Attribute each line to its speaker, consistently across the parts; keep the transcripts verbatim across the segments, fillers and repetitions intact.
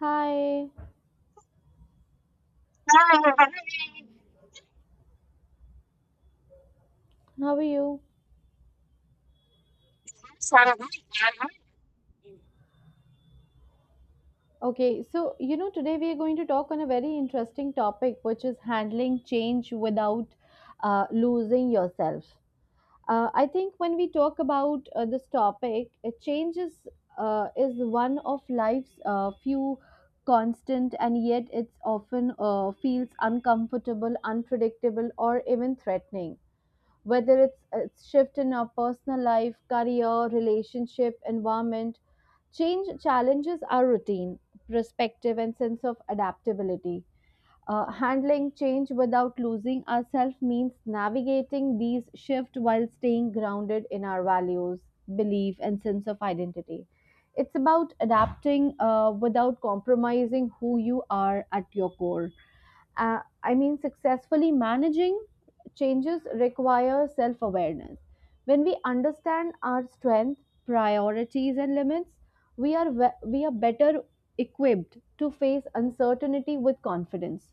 Speaker 1: Hi, how are you? Okay, so you know, today we are going to talk on a very interesting topic, which is handling change without uh, losing yourself. Uh, I think when we talk about uh, this topic, uh, change is, uh, is one of life's uh, few constant, and yet it's often uh, feels uncomfortable, unpredictable, or even threatening. Whether it's a shift in our personal life, career, relationship, environment, change challenges our routine, perspective, and sense of adaptability. Uh, handling change without losing ourselves means navigating these shifts while staying grounded in our values, belief, and sense of identity. It's about adapting uh, without compromising who you are at your core. Uh, I mean, successfully managing changes require self awareness. When we understand our strength, priorities, and limits, we are, we we are better equipped to face uncertainty with confidence.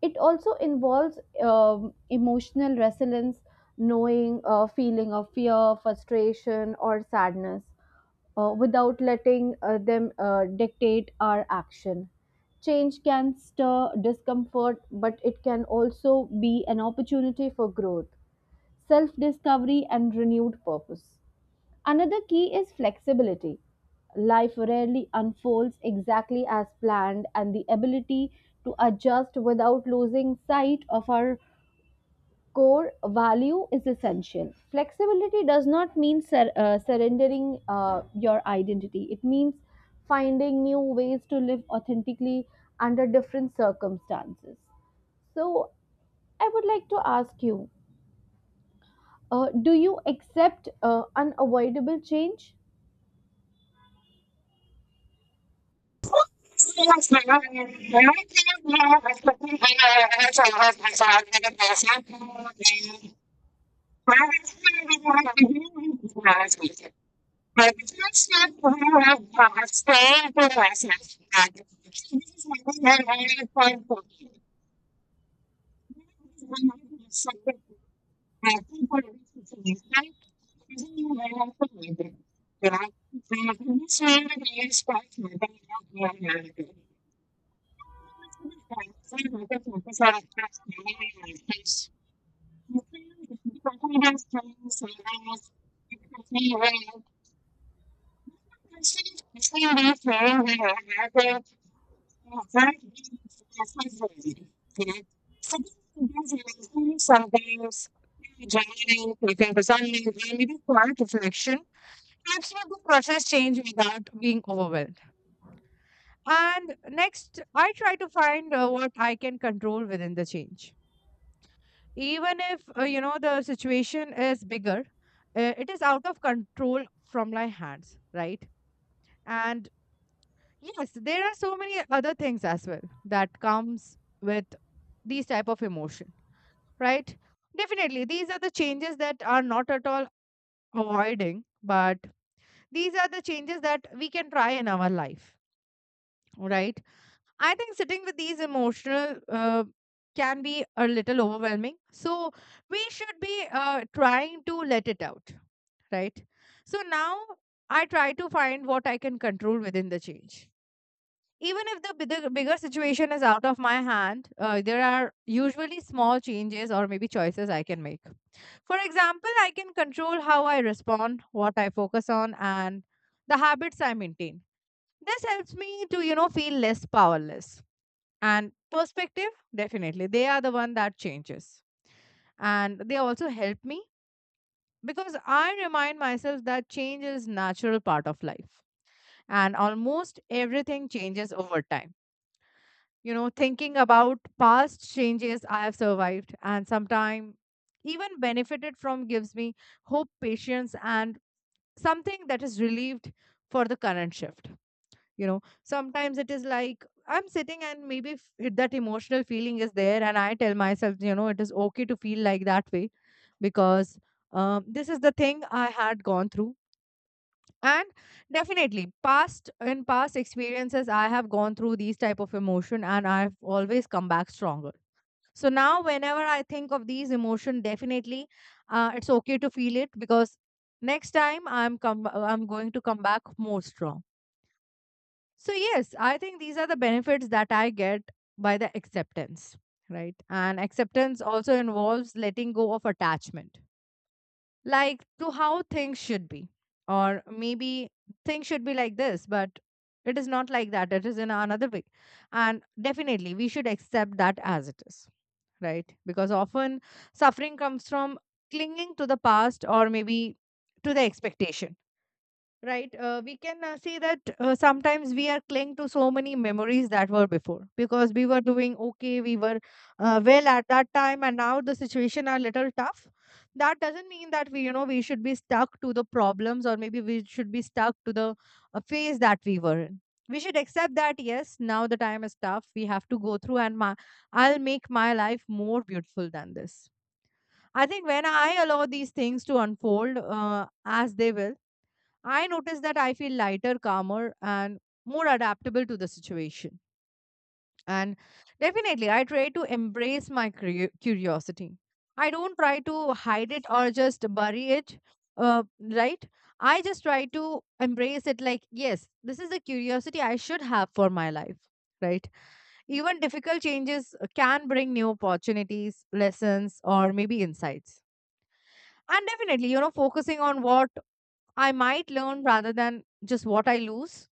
Speaker 1: It also involves um, emotional resilience, knowing a feeling of fear, frustration, or sadness uh, without letting uh, them uh, dictate our action. Change can stir discomfort, but it can also be an opportunity for growth, self discovery, and renewed purpose. Another key is flexibility. Life rarely unfolds exactly as planned, and the ability to adjust without losing sight of our core value is essential. Flexibility does not mean sur- uh, surrendering uh, your identity, it means finding new ways to live authentically under different circumstances. So, I would like to ask you, uh, do you accept uh, unavoidable change?
Speaker 2: I think aquí por el especialista, es un nivel automático. Pero hay una condición de que es para que no tenga una automática. Sometimes joining, preparing for something, and even quiet reflection helps me to process change without being overwhelmed. And next, I try to find uh, what I can control within the change. Even if, uh, you know, the situation is bigger, uh, it is out of control from my hands, right? And yes, there are so many other things as well that comes with these type of emotion. Right, definitely these are the changes that are not at all avoiding, but these are the changes that we can try in our life, right? I think sitting with these emotional uh, can be a little overwhelming, so we should be uh, trying to let it out, right? So now I try to find what I can control within the change, even if the bigger, bigger situation is out of my hand uh, There are usually small changes or maybe choices I can make. For example, I can control how I respond, what I focus on, and the habits I maintain. This helps me to, you know, feel less powerless. And perspective, definitely, they are the one that changes. And they also help me, because I remind myself that change is natural part of life. And almost everything changes over time. You know, thinking about past changes I have survived and sometimes even benefited from gives me hope, patience, and something that is relieved for the current shift. You know sometimes it is like I'm sitting and maybe f- that emotional feeling is there, and I tell myself, you know it is okay to feel like that way, because um, this is the thing I had gone through. And definitely past in past experiences I have gone through these type of emotion, and I've always come back stronger. So now, whenever I think of these emotion, definitely, uh, it's okay to feel it, because next time I'm come, uh, I'm going to come back more strong. So yes, I think these are the benefits that I get by the acceptance, right? And acceptance also involves letting go of attachment, like to how things should be, or maybe things should be like this, but it is not like that. It is in another way, and definitely we should accept that as it is, right? Because often suffering comes from clinging to the past, or maybe to the expectation. Right. Uh, we can uh, see that uh, sometimes we are cling to so many memories that were before, because we were doing okay, we were uh, well at that time, and now the situation are little tough. That doesn't mean that we, you know, we should be stuck to the problems, or maybe we should be stuck to the uh, phase that we were in. We should accept that yes, now the time is tough. We have to go through, and my, I'll make my life more beautiful than this. I think when I allow these things to unfold uh, as they will, I notice that I feel lighter, calmer, and more adaptable to the situation. And definitely, I try to embrace my curi- curiosity. I don't try to hide it or just bury it, uh, right? I just try to embrace it like, yes, this is a curiosity I should have for my life, right? Even difficult changes can bring new opportunities, lessons, or maybe insights. And definitely, you know, focusing on what I might learn rather than just what I lose,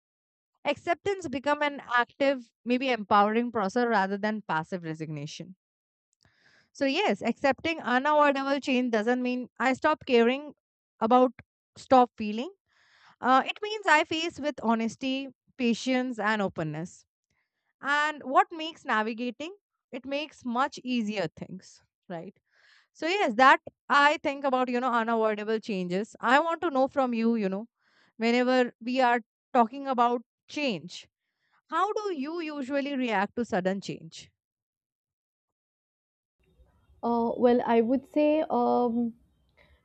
Speaker 2: acceptance become an active, maybe empowering process rather than passive resignation. So yes, accepting unavoidable change doesn't mean I stop caring about, stop feeling. Uh, it means I face with honesty, patience, and openness, and what makes navigating it makes much easier things, right? So yes, that I think about you know unavoidable changes. I want to know from you, you know whenever we are talking about change, how do you usually react to sudden change?
Speaker 1: Uh, well, I would say, um,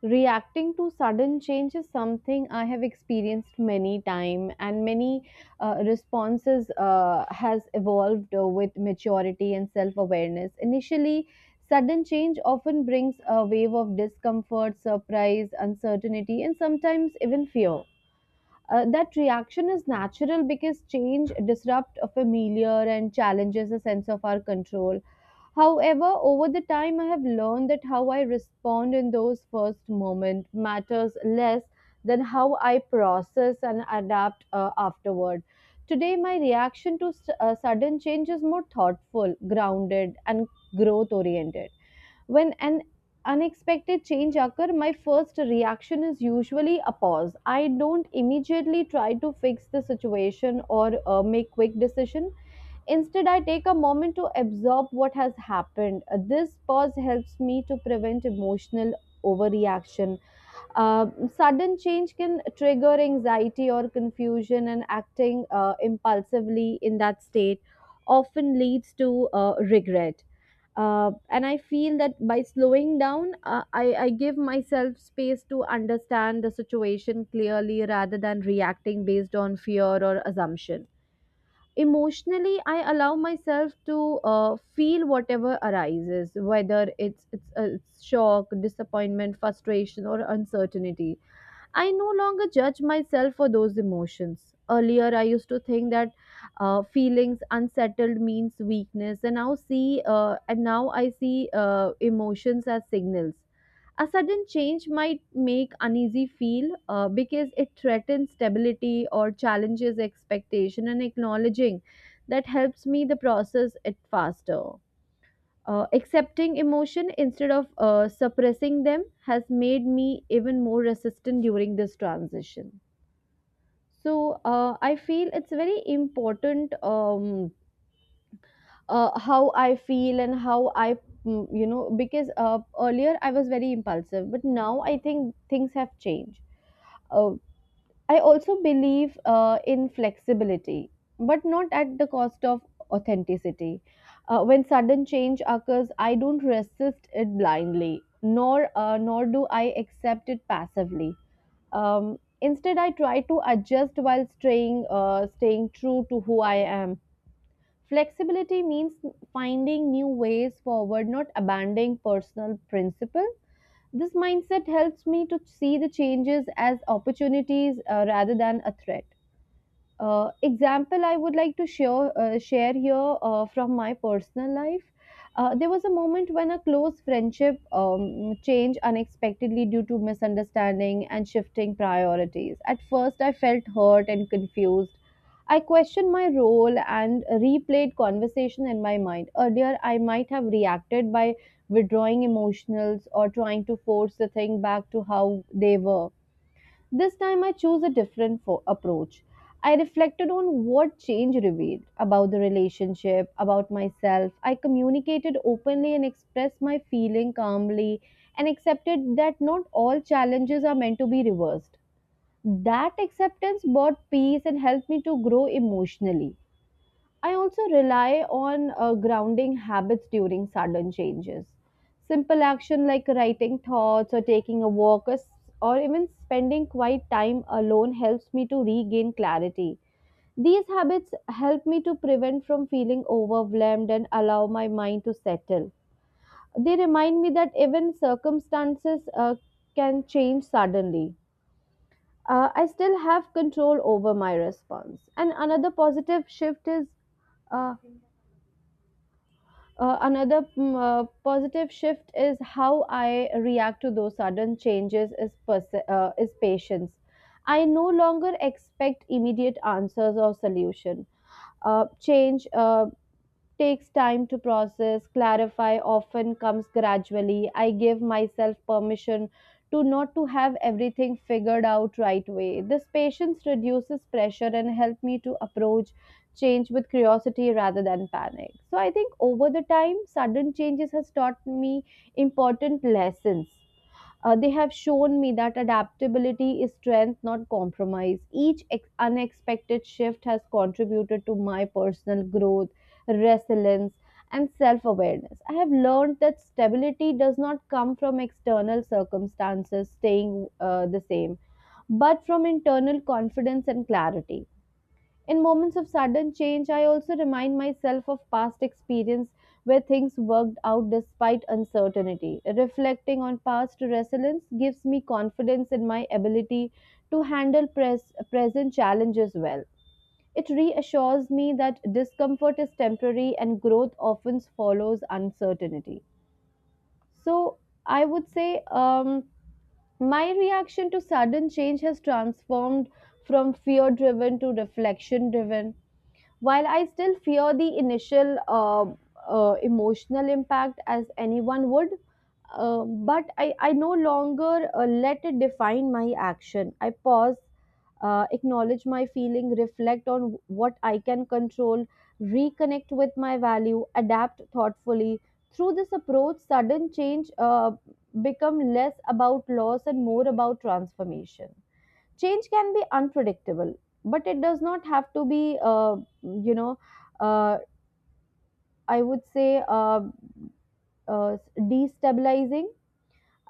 Speaker 1: reacting to sudden change is something I have experienced many time, and many uh, responses uh, has evolved uh, with maturity and self awareness. Initially, sudden change often brings a wave of discomfort, surprise, uncertainty, and sometimes even fear. Uh, that reaction is natural because change disrupts a familiar and challenges a sense of our control. However, over the time, I have learned that how I respond in those first moments matters less than how I process and adapt uh, afterward. Today, my reaction to s- uh, sudden change is more thoughtful, grounded, and growth oriented. When an unexpected change occurs, my first reaction is usually a pause. I don't immediately try to fix the situation or uh, make quick decision. Instead, I take a moment to absorb what has happened. Uh, This pause helps me to prevent emotional overreaction. Uh, Sudden change can trigger anxiety or confusion, and acting uh, impulsively in that state often leads to uh, regret, uh, and I feel that by slowing down, uh, I, I give myself space to understand the situation clearly rather than reacting based on fear or assumption. Emotionally, I allow myself to uh, feel whatever arises, whether it's it's, uh, it's shock, disappointment, frustration, or uncertainty. I no longer judge myself for those emotions. Earlier, I used to think that uh, feelings unsettled means weakness, and now see, uh, and now I see uh, emotions as signals. A sudden change might make uneasy feel uh, because it threatens stability or challenges expectation, and acknowledging that helps me the process it faster. Uh, accepting emotion instead of uh, suppressing them has made me even more resistant during this transition. So uh, I feel it's very important, um, uh, how I feel and how I, mm, you know, because uh, earlier I was very impulsive, but now I think things have changed. Uh, I also believe uh, in flexibility, but not at the cost of authenticity. Uh, when sudden change occurs, I don't resist it blindly, nor uh, nor do I accept it passively. Um, instead, I try to adjust while staying uh, staying true to who I am. Flexibility means finding new ways forward, not abandoning personal principle. This mindset helps me to see the changes as opportunities uh, rather than a threat. Uh, example I would like to share uh, share here uh, from my personal life. Uh, there was a moment when a close friendship um, changed unexpectedly due to misunderstanding and shifting priorities. At first, I felt hurt and confused. I questioned my role and replayed conversation in my mind. Earlier, I might have reacted by withdrawing emotionals or trying to force the thing back to how they were. This time I chose a different fo- approach. I reflected on what change revealed about the relationship, about myself. I communicated openly and expressed my feeling calmly, and accepted that not all challenges are meant to be reversed. That acceptance brought peace and helped me to grow emotionally. I also rely on uh, grounding habits during sudden changes. Simple action like writing thoughts or taking a walk or, s- or even spending quiet time alone helps me to regain clarity. These habits help me to prevent from feeling overwhelmed and allow my mind to settle. They remind me that even circumstances uh, can change suddenly. Uh, I still have control over my response. And another positive shift is uh, Uh, another mm, uh, positive shift is how I react to those sudden changes is, pers- uh, is patience. I no longer expect immediate answers or solution. Uh, change uh, takes time to process, clarify, often comes gradually. I give myself permission to not to have everything figured out right away. This patience reduces pressure and help me to approach change with curiosity rather than panic. So I think over the time sudden changes has taught me important lessons. Uh, they have shown me that adaptability is strength, not compromise. Each ex- unexpected shift has contributed to my personal growth, resilience, and self awareness. I have learned that stability does not come from external circumstances staying uh, the same, but from internal confidence and clarity. In moments of sudden change, I also remind myself of past experience where things worked out despite uncertainty. Reflecting on past resilience gives me confidence in my ability to handle pres- present challenges well. It reassures me that discomfort is temporary and growth often follows uncertainty. So, I would say, um, my reaction to sudden change has transformed from fear driven to reflection driven. While I still fear the initial uh, uh, emotional impact as anyone would, uh, but I, I no longer uh, let it define my action. I pause, uh, acknowledge my feeling, reflect on what I can control, reconnect with my value, adapt thoughtfully. Through this approach, sudden change uh, become less about loss and more about transformation. Change can be unpredictable but it does not have to be, uh, you know uh, I would say uh, uh, destabilizing.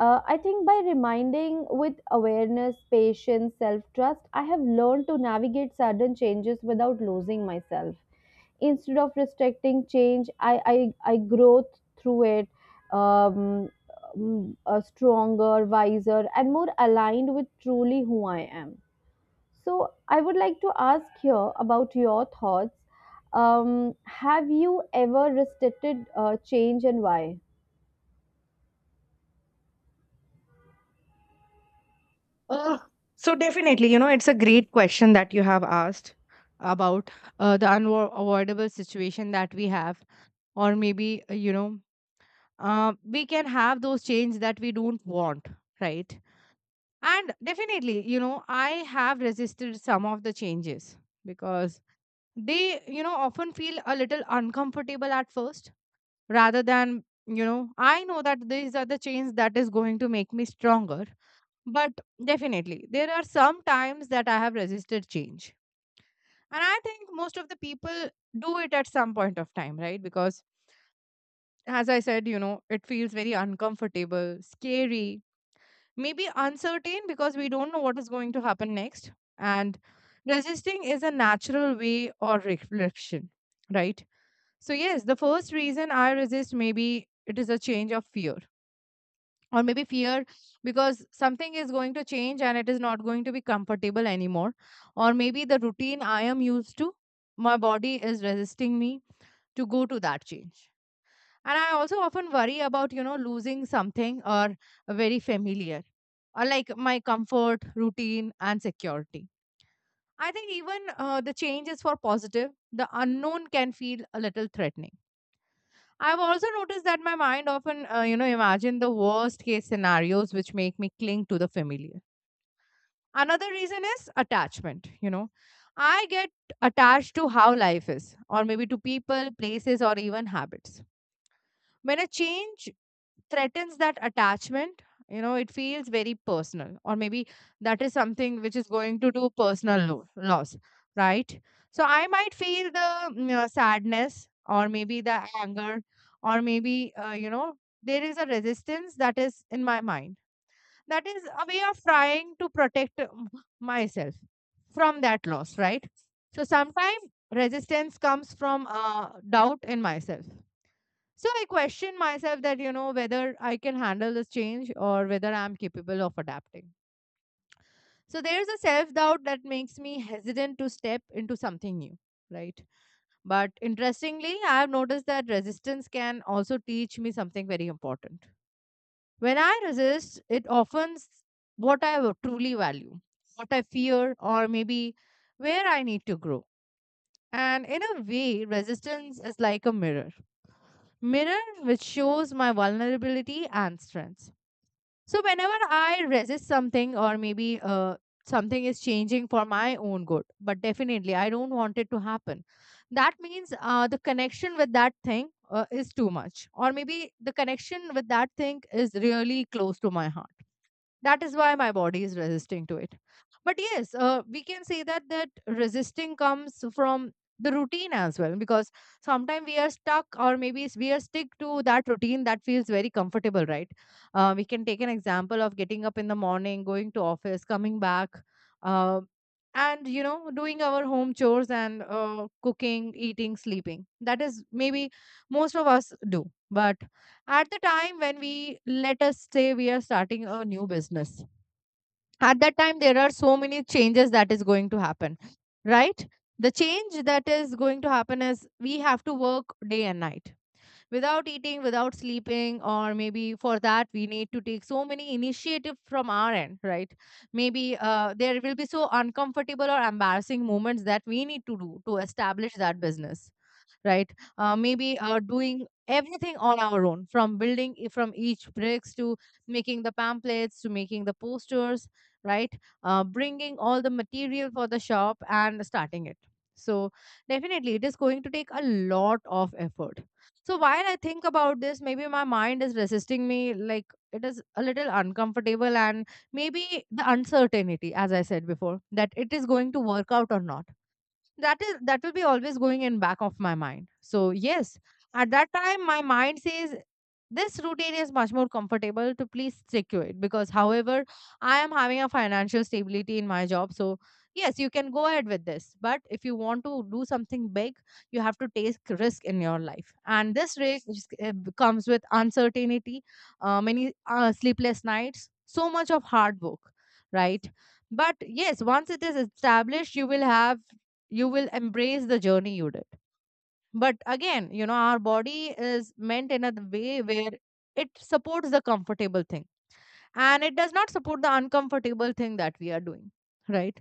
Speaker 1: uh, I think by reminding with awareness patience self trust I have learned to navigate sudden changes without losing myself. Instead of restricting change, i i, I grow through it, um, um, uh, stronger wiser and more aligned with truly who I am. So, I would like to ask here about your thoughts. Um, have you ever restricted uh, change and why?
Speaker 2: Uh, so definitely, you know, it's a great question that you have asked about uh, the unavoidable situation that we have, or maybe uh, you know uh, we can have those change that we don't want, right? And definitely, you know I have resisted some of the changes, because they you know often feel a little uncomfortable at first, rather than, you know I know that these are the changes that is going to make me stronger. But definitely there are some times that I have resisted change, and I think most of the people do it at some point of time, right? Because as I said, you know it feels very uncomfortable, scary, maybe uncertain, because we don't know what is going to happen next. And resisting is a natural way or reflection, right? So yes, the first reason I resist, maybe it is a change of fear, or maybe fear, because something is going to change and it is not going to be comfortable anymore, or maybe the routine I am used to, my body is resisting me to go to that change. And I also often worry about, you know losing something or very familiar, or like my comfort routine and security. I think even uh, the change is for positive, the unknown can feel a little threatening. I've also noticed that my mind often uh, you know imagine the worst case scenarios, which make me cling to the familiar. Another reason is attachment. you know I get attached to how life is, or maybe to people, places, or even habits. When a change threatens that attachment, you know it feels very personal, or maybe that is something which is going to do personal lo- loss, right? So I might feel the mm, uh, sadness, or maybe the anger, or maybe, uh, you know there is a resistance that is in my mind. That is a way of trying to protect uh, m- myself from that loss, right? So sometimes resistance comes from uh, doubt in myself. So I question myself that, you know, whether I can handle this change or whether I'm capable of adapting. So there's a self doubt that makes me hesitant to step into something new, right? But interestingly, I've noticed that resistance can also teach me something very important. When I resist, it often s- what I wa- truly value, what I fear, or maybe where I need to grow. And in a way, resistance is like a mirror mirror which shows my vulnerability and strengths. So whenever I resist something, or maybe uh, something is changing for my own good, but definitely I don't want it to happen, that means uh, the connection with that thing uh, is too much, or maybe the connection with that thing is really close to my heart. That is why my body is resisting to it. But yes, uh, we can say that that resisting comes from the routine as well, because sometimes we are stuck, or maybe s- we are stick to that routine that feels very comfortable, right? Uh, we can take an example of getting up in the morning, going to office, coming back uh, and you know doing our home chores, and uh, cooking, eating, sleeping, that is maybe most of us do. But at the time when, we let us say, we are starting a new business, at that time there are so many changes that is going to happen, right? The change that is going to happen is we have to work day and night without eating, without sleeping, or maybe for that we need to take so many initiative from our end, right? Maybe uh, there will be so uncomfortable or embarrassing moments that we need to do to establish that business, right? Uh, maybe uh, doing everything on our own from building i- from each bricks to making the pamphlets to making the posters, right, uh, bringing all the material for the shop and starting it. So definitely it is going to take a lot of effort. So while I think about this, maybe my mind is resisting me, like it is a little uncomfortable, and maybe the uncertainty, as I said before, that it is going to work out or not, that is that will be always going in back of my mind. So yes, at that time my mind says this routine is much more comfortable to please stick to it, because however, I am having a financial stability in my job. So yes, you can go ahead with this, but if you want to do something big, you have to take risk in your life, and this risk is- uh, comes with uncertainty. Uh, many uh, sleepless nights, so much of hard work, right? But yes, once it is established, you will have, you will embrace the journey you did. But again, you know, our body is meant in a way where it supports the comfortable thing and it does not support the uncomfortable thing that we are doing, right?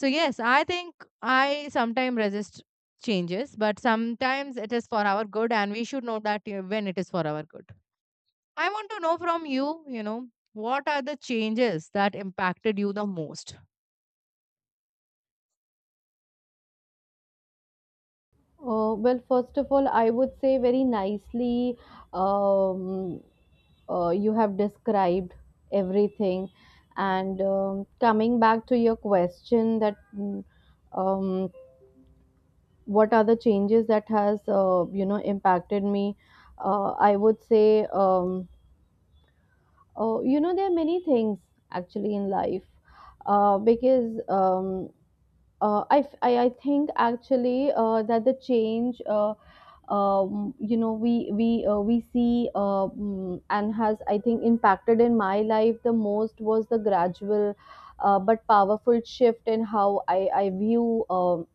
Speaker 2: So yes, I think I sometimes resist changes, but sometimes it is for our good, and we should know that uh, when it is for our good. I want to know from you, you know, what are the changes that impacted you the most.
Speaker 1: Uh, well, first of all, I would say very nicely, um, uh, you have described everything. And um, coming back to your question that, mm, um, what are the changes that has uh, you know impacted me? Uh, I would say, Um, oh, you know, there are many things actually in life, uh, because um, uh, I, f- I, I think actually uh, that the change, uh, um, you know, we we uh, we see, uh, mm, and has I think impacted in my life the most was the gradual uh, but powerful shift in how I I view Um,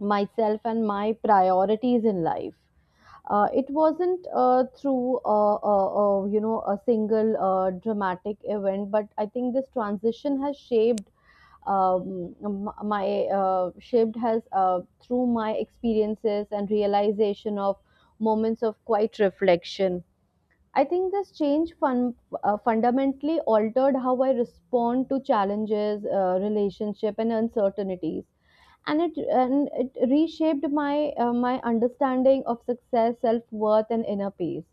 Speaker 1: myself and my priorities in life. Uh, it wasn't uh, through uh, uh, uh, you know a single uh, dramatic event, but I think this transition has shaped um, m- my uh, shaped has uh, through my experiences and realization of moments of quiet reflection. I think this change fun, uh, fundamentally altered how I respond to challenges, uh, relationship, and uncertainties, and it and it reshaped my uh, my understanding of success, self-worth and inner peace.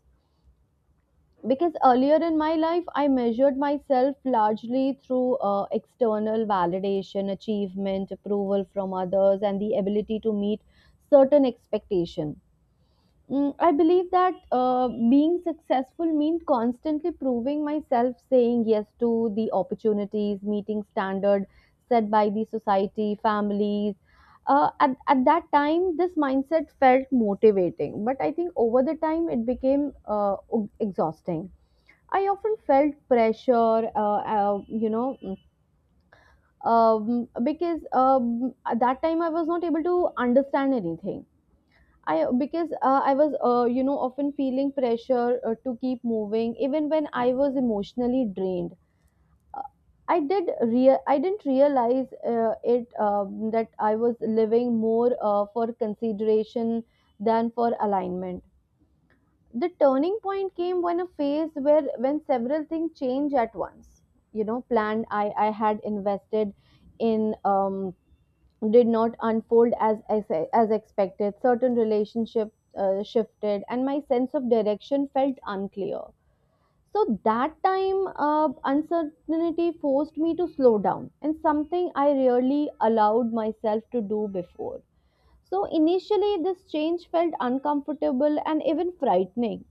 Speaker 1: Because earlier in my life I measured myself largely through uh, external validation, achievement, approval from others, and the ability to meet certain expectation. Mm, I believe that uh, being successful means constantly proving myself, saying yes to the opportunities, meeting standard set by the society, families. Uh, at, at that time, this mindset felt motivating, but I think over the time it became uh, exhausting. I often felt pressure, uh, uh, you know, um, because um, at that time I was not able to understand anything, I because uh, I was uh, you know often feeling pressure uh, to keep moving even when I was emotionally drained. I did rea- I didn't realize uh, it um, that I was living more uh, for consideration than for alignment. The turning point came when a phase where when several things change at once. You know, planned I I had invested in, um, did not unfold as as, as expected. Certain relationships uh, shifted, and my sense of direction felt unclear. So that time, uh, uncertainty forced me to slow down, and something I rarely allowed myself to do before. So initially, this change felt uncomfortable and even frightening.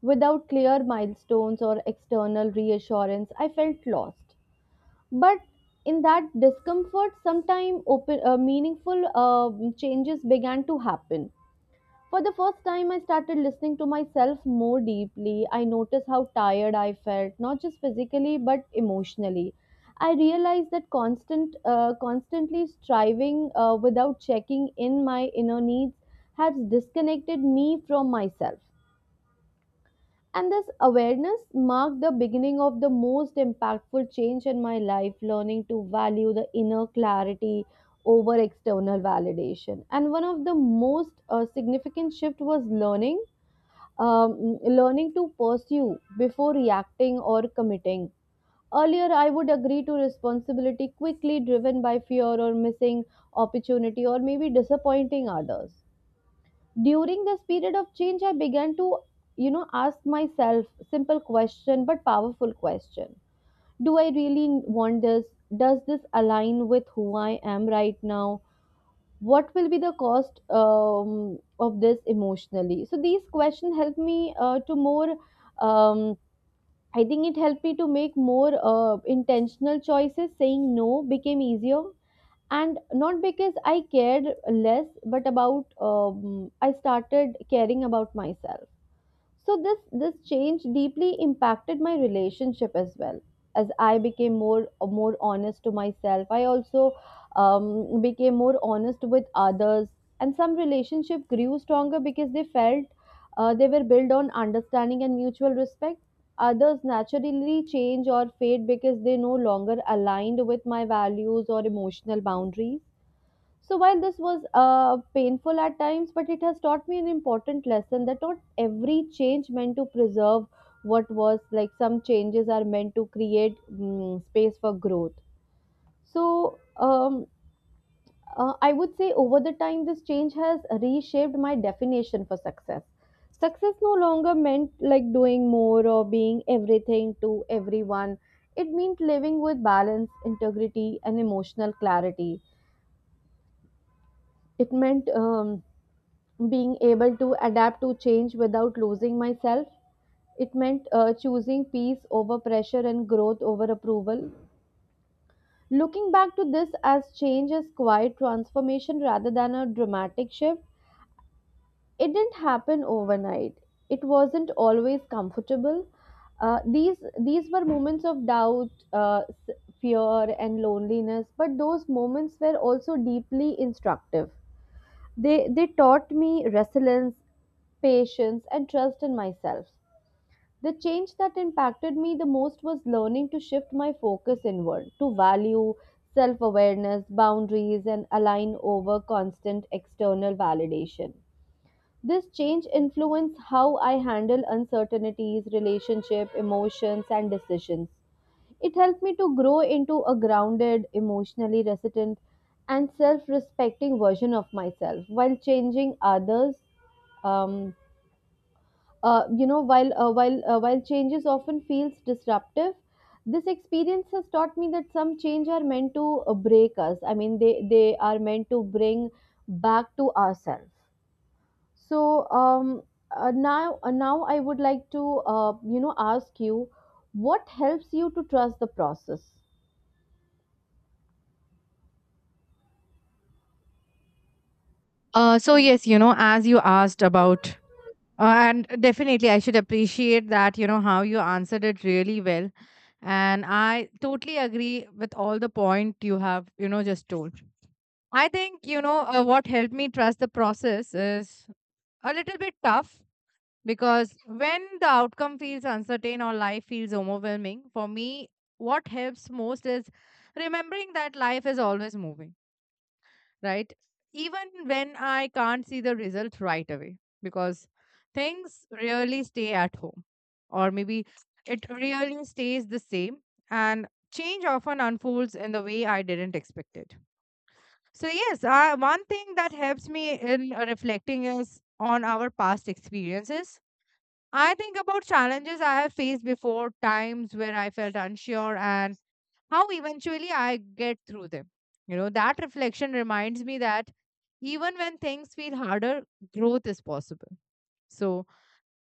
Speaker 1: Without clear milestones or external reassurance, I felt lost. But in that discomfort, sometime open uh, meaningful um changes began to happen. For the first time, I started listening to myself more deeply. I noticed how tired I felt, not just physically but emotionally. I realized that constant, uh, constantly striving uh, without checking in my inner needs has disconnected me from myself. And this awareness marked the beginning of the most impactful change in my life, learning to value the inner clarity over external validation. And one of the most uh, significant shift was learning, um, learning to pursue before reacting or committing. Earlier, I would agree to responsibility quickly, driven by fear or missing opportunity or maybe disappointing others during this period of change I began to you know ask myself simple question but powerful question. Do I really want this? Does this align with who I am right now? What will be the cost um, of this emotionally? So these questions help me uh, to more um, I think it helped me to make more uh, intentional choices. Saying no became easier, and not because I cared less but about um, I started caring about myself. So this this change deeply impacted my relationship as well. As I became more more honest to myself, I also um, became more honest with others. And some relationship grew stronger because they felt uh, they were built on understanding and mutual respect. Others naturally change or fade because they no longer aligned with my values or emotional boundaries. So while this was uh, painful at times, but it has taught me an important lesson that not every change meant to preserve what was, like, some changes are meant to create mm, space for growth. So um, uh, I would say over the time, this change has reshaped my definition for success. Success no longer meant like doing more or being everything to everyone. It meant living with balance, integrity, and emotional clarity. It meant um, being able to adapt to change without losing myself. It meant uh, choosing peace over pressure and growth over approval. Looking back to this as change as quiet transformation rather than a dramatic shift, it didn't happen overnight. It wasn't always comfortable. Uh, these these were moments of doubt, uh, s- fear, and loneliness, but those moments were also deeply instructive. They, they taught me resilience, patience, and trust in myself. The change that impacted me the most was learning to shift my focus inward, to value self awareness, boundaries, and align over constant external validation. This change influenced how I handle uncertainties, relationships, emotions, and decisions. It helped me to grow into a grounded, emotionally resilient, and self respecting version of myself while changing others. Um, uh, you know, while uh, while uh, while changes often feels disruptive, this experience has taught me that some change are meant to uh, break us. I mean, they they are meant to bring back to ourselves. So um, uh, now uh, now I would like to uh, you know ask you, what helps you to trust the process?
Speaker 2: uh, So yes, you know, as you asked about. Uh, and definitely, I should appreciate that, you know, how you answered it really well. And I totally agree with all the point you have, you know, just told. I think, you know, uh, what helped me trust the process is a little bit tough, because when the outcome feels uncertain or life feels overwhelming, for me, what helps most is remembering that life is always moving, right? Even when I can't see the result right away, because things really stay at home, or maybe it really stays the same, and change often unfolds in the way I didn't expect it. So yes, uh, one thing that helps me in uh, reflecting is on our past experiences. I think about challenges I have faced before, times where I felt unsure and how eventually I get through them. You know, that reflection reminds me that even when things feel harder, growth is possible. So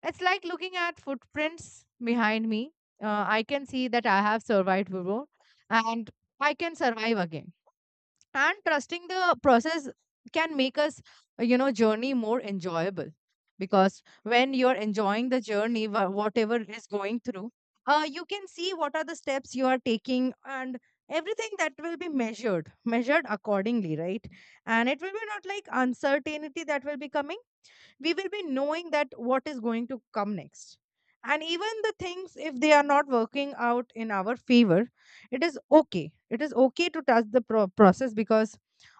Speaker 2: it's like looking at footprints behind me. Uh, I can see that I have survived before, and I can survive again, and trusting the process can make us, uh, you know, journey more enjoyable. Because when you're enjoying the journey, wha- whatever is going through, uh, you can see what are the steps you are taking, and everything that will be measured measured accordingly, right? And it will be not like uncertainty that will be coming, we will be knowing that what is going to come next. And even the things, if they are not working out in our favor, it is okay, it is okay to touch the pro- process, because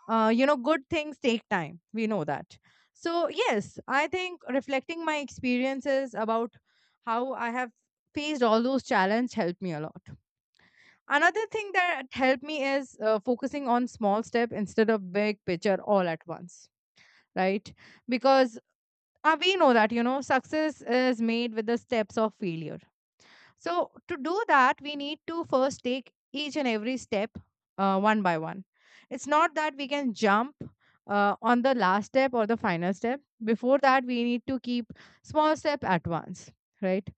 Speaker 2: uh, you know, good things take time, we know that. So yes, I think reflecting my experiences about how I have faced all those challenges helped me a lot. Another thing that helped me is uh, focusing on small step instead of big picture all at once, right? Because uh, we know that, you know, success is made with the steps of failure. So to do that, we need to first take each and every step, uh, one by one. It's not that we can jump uh, on the last step or the final step. Before that, we need to keep small step at once, right?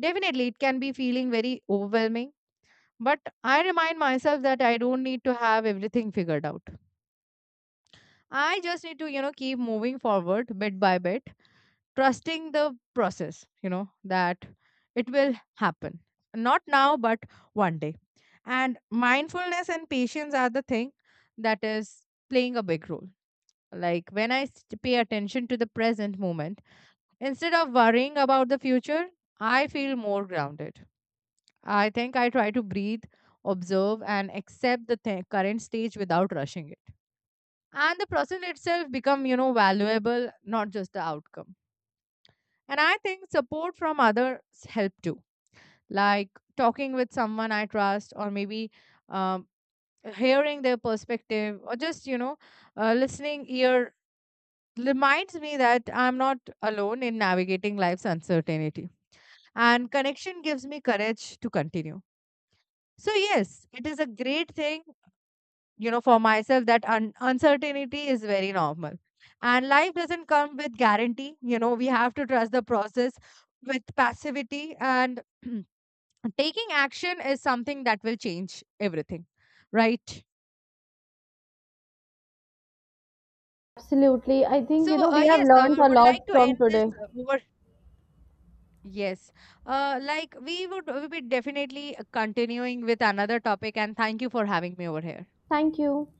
Speaker 2: Definitely it can be feeling very overwhelming, but I remind myself that I don't need to have everything figured out. I just need to, you know, keep moving forward bit by bit, trusting the process, you know, that it will happen, not now, but one day. And mindfulness and patience are the thing that is playing a big role. Like when i s- pay attention to the present moment instead of worrying about the future, I feel more grounded. I think I try to breathe, observe, and accept the th- current stage without rushing it, and the process itself become, you know, valuable, not just the outcome. And I think support from others help too, like talking with someone I trust, or maybe, um, hearing their perspective, or just, you know, uh, listening ear reminds me that I'm not alone in navigating life's uncertainty. And connection gives me courage to continue. So yes, it is a great thing, you know, for myself that un- uncertainty is very normal. And life doesn't come with guarantee. You know, we have to trust the process with passivity and taking action is something that will change everything, right?
Speaker 1: Absolutely. I think,
Speaker 2: So
Speaker 1: you know, we
Speaker 2: uh,
Speaker 1: have
Speaker 2: yes, i
Speaker 1: learned
Speaker 2: w-
Speaker 1: a
Speaker 2: would
Speaker 1: lot
Speaker 2: like to
Speaker 1: from
Speaker 2: end this
Speaker 1: today.
Speaker 2: uh, over. Yes, uh, like we would we be definitely uh, continuing with another topic, and thank you for having me over here.
Speaker 1: Thank you.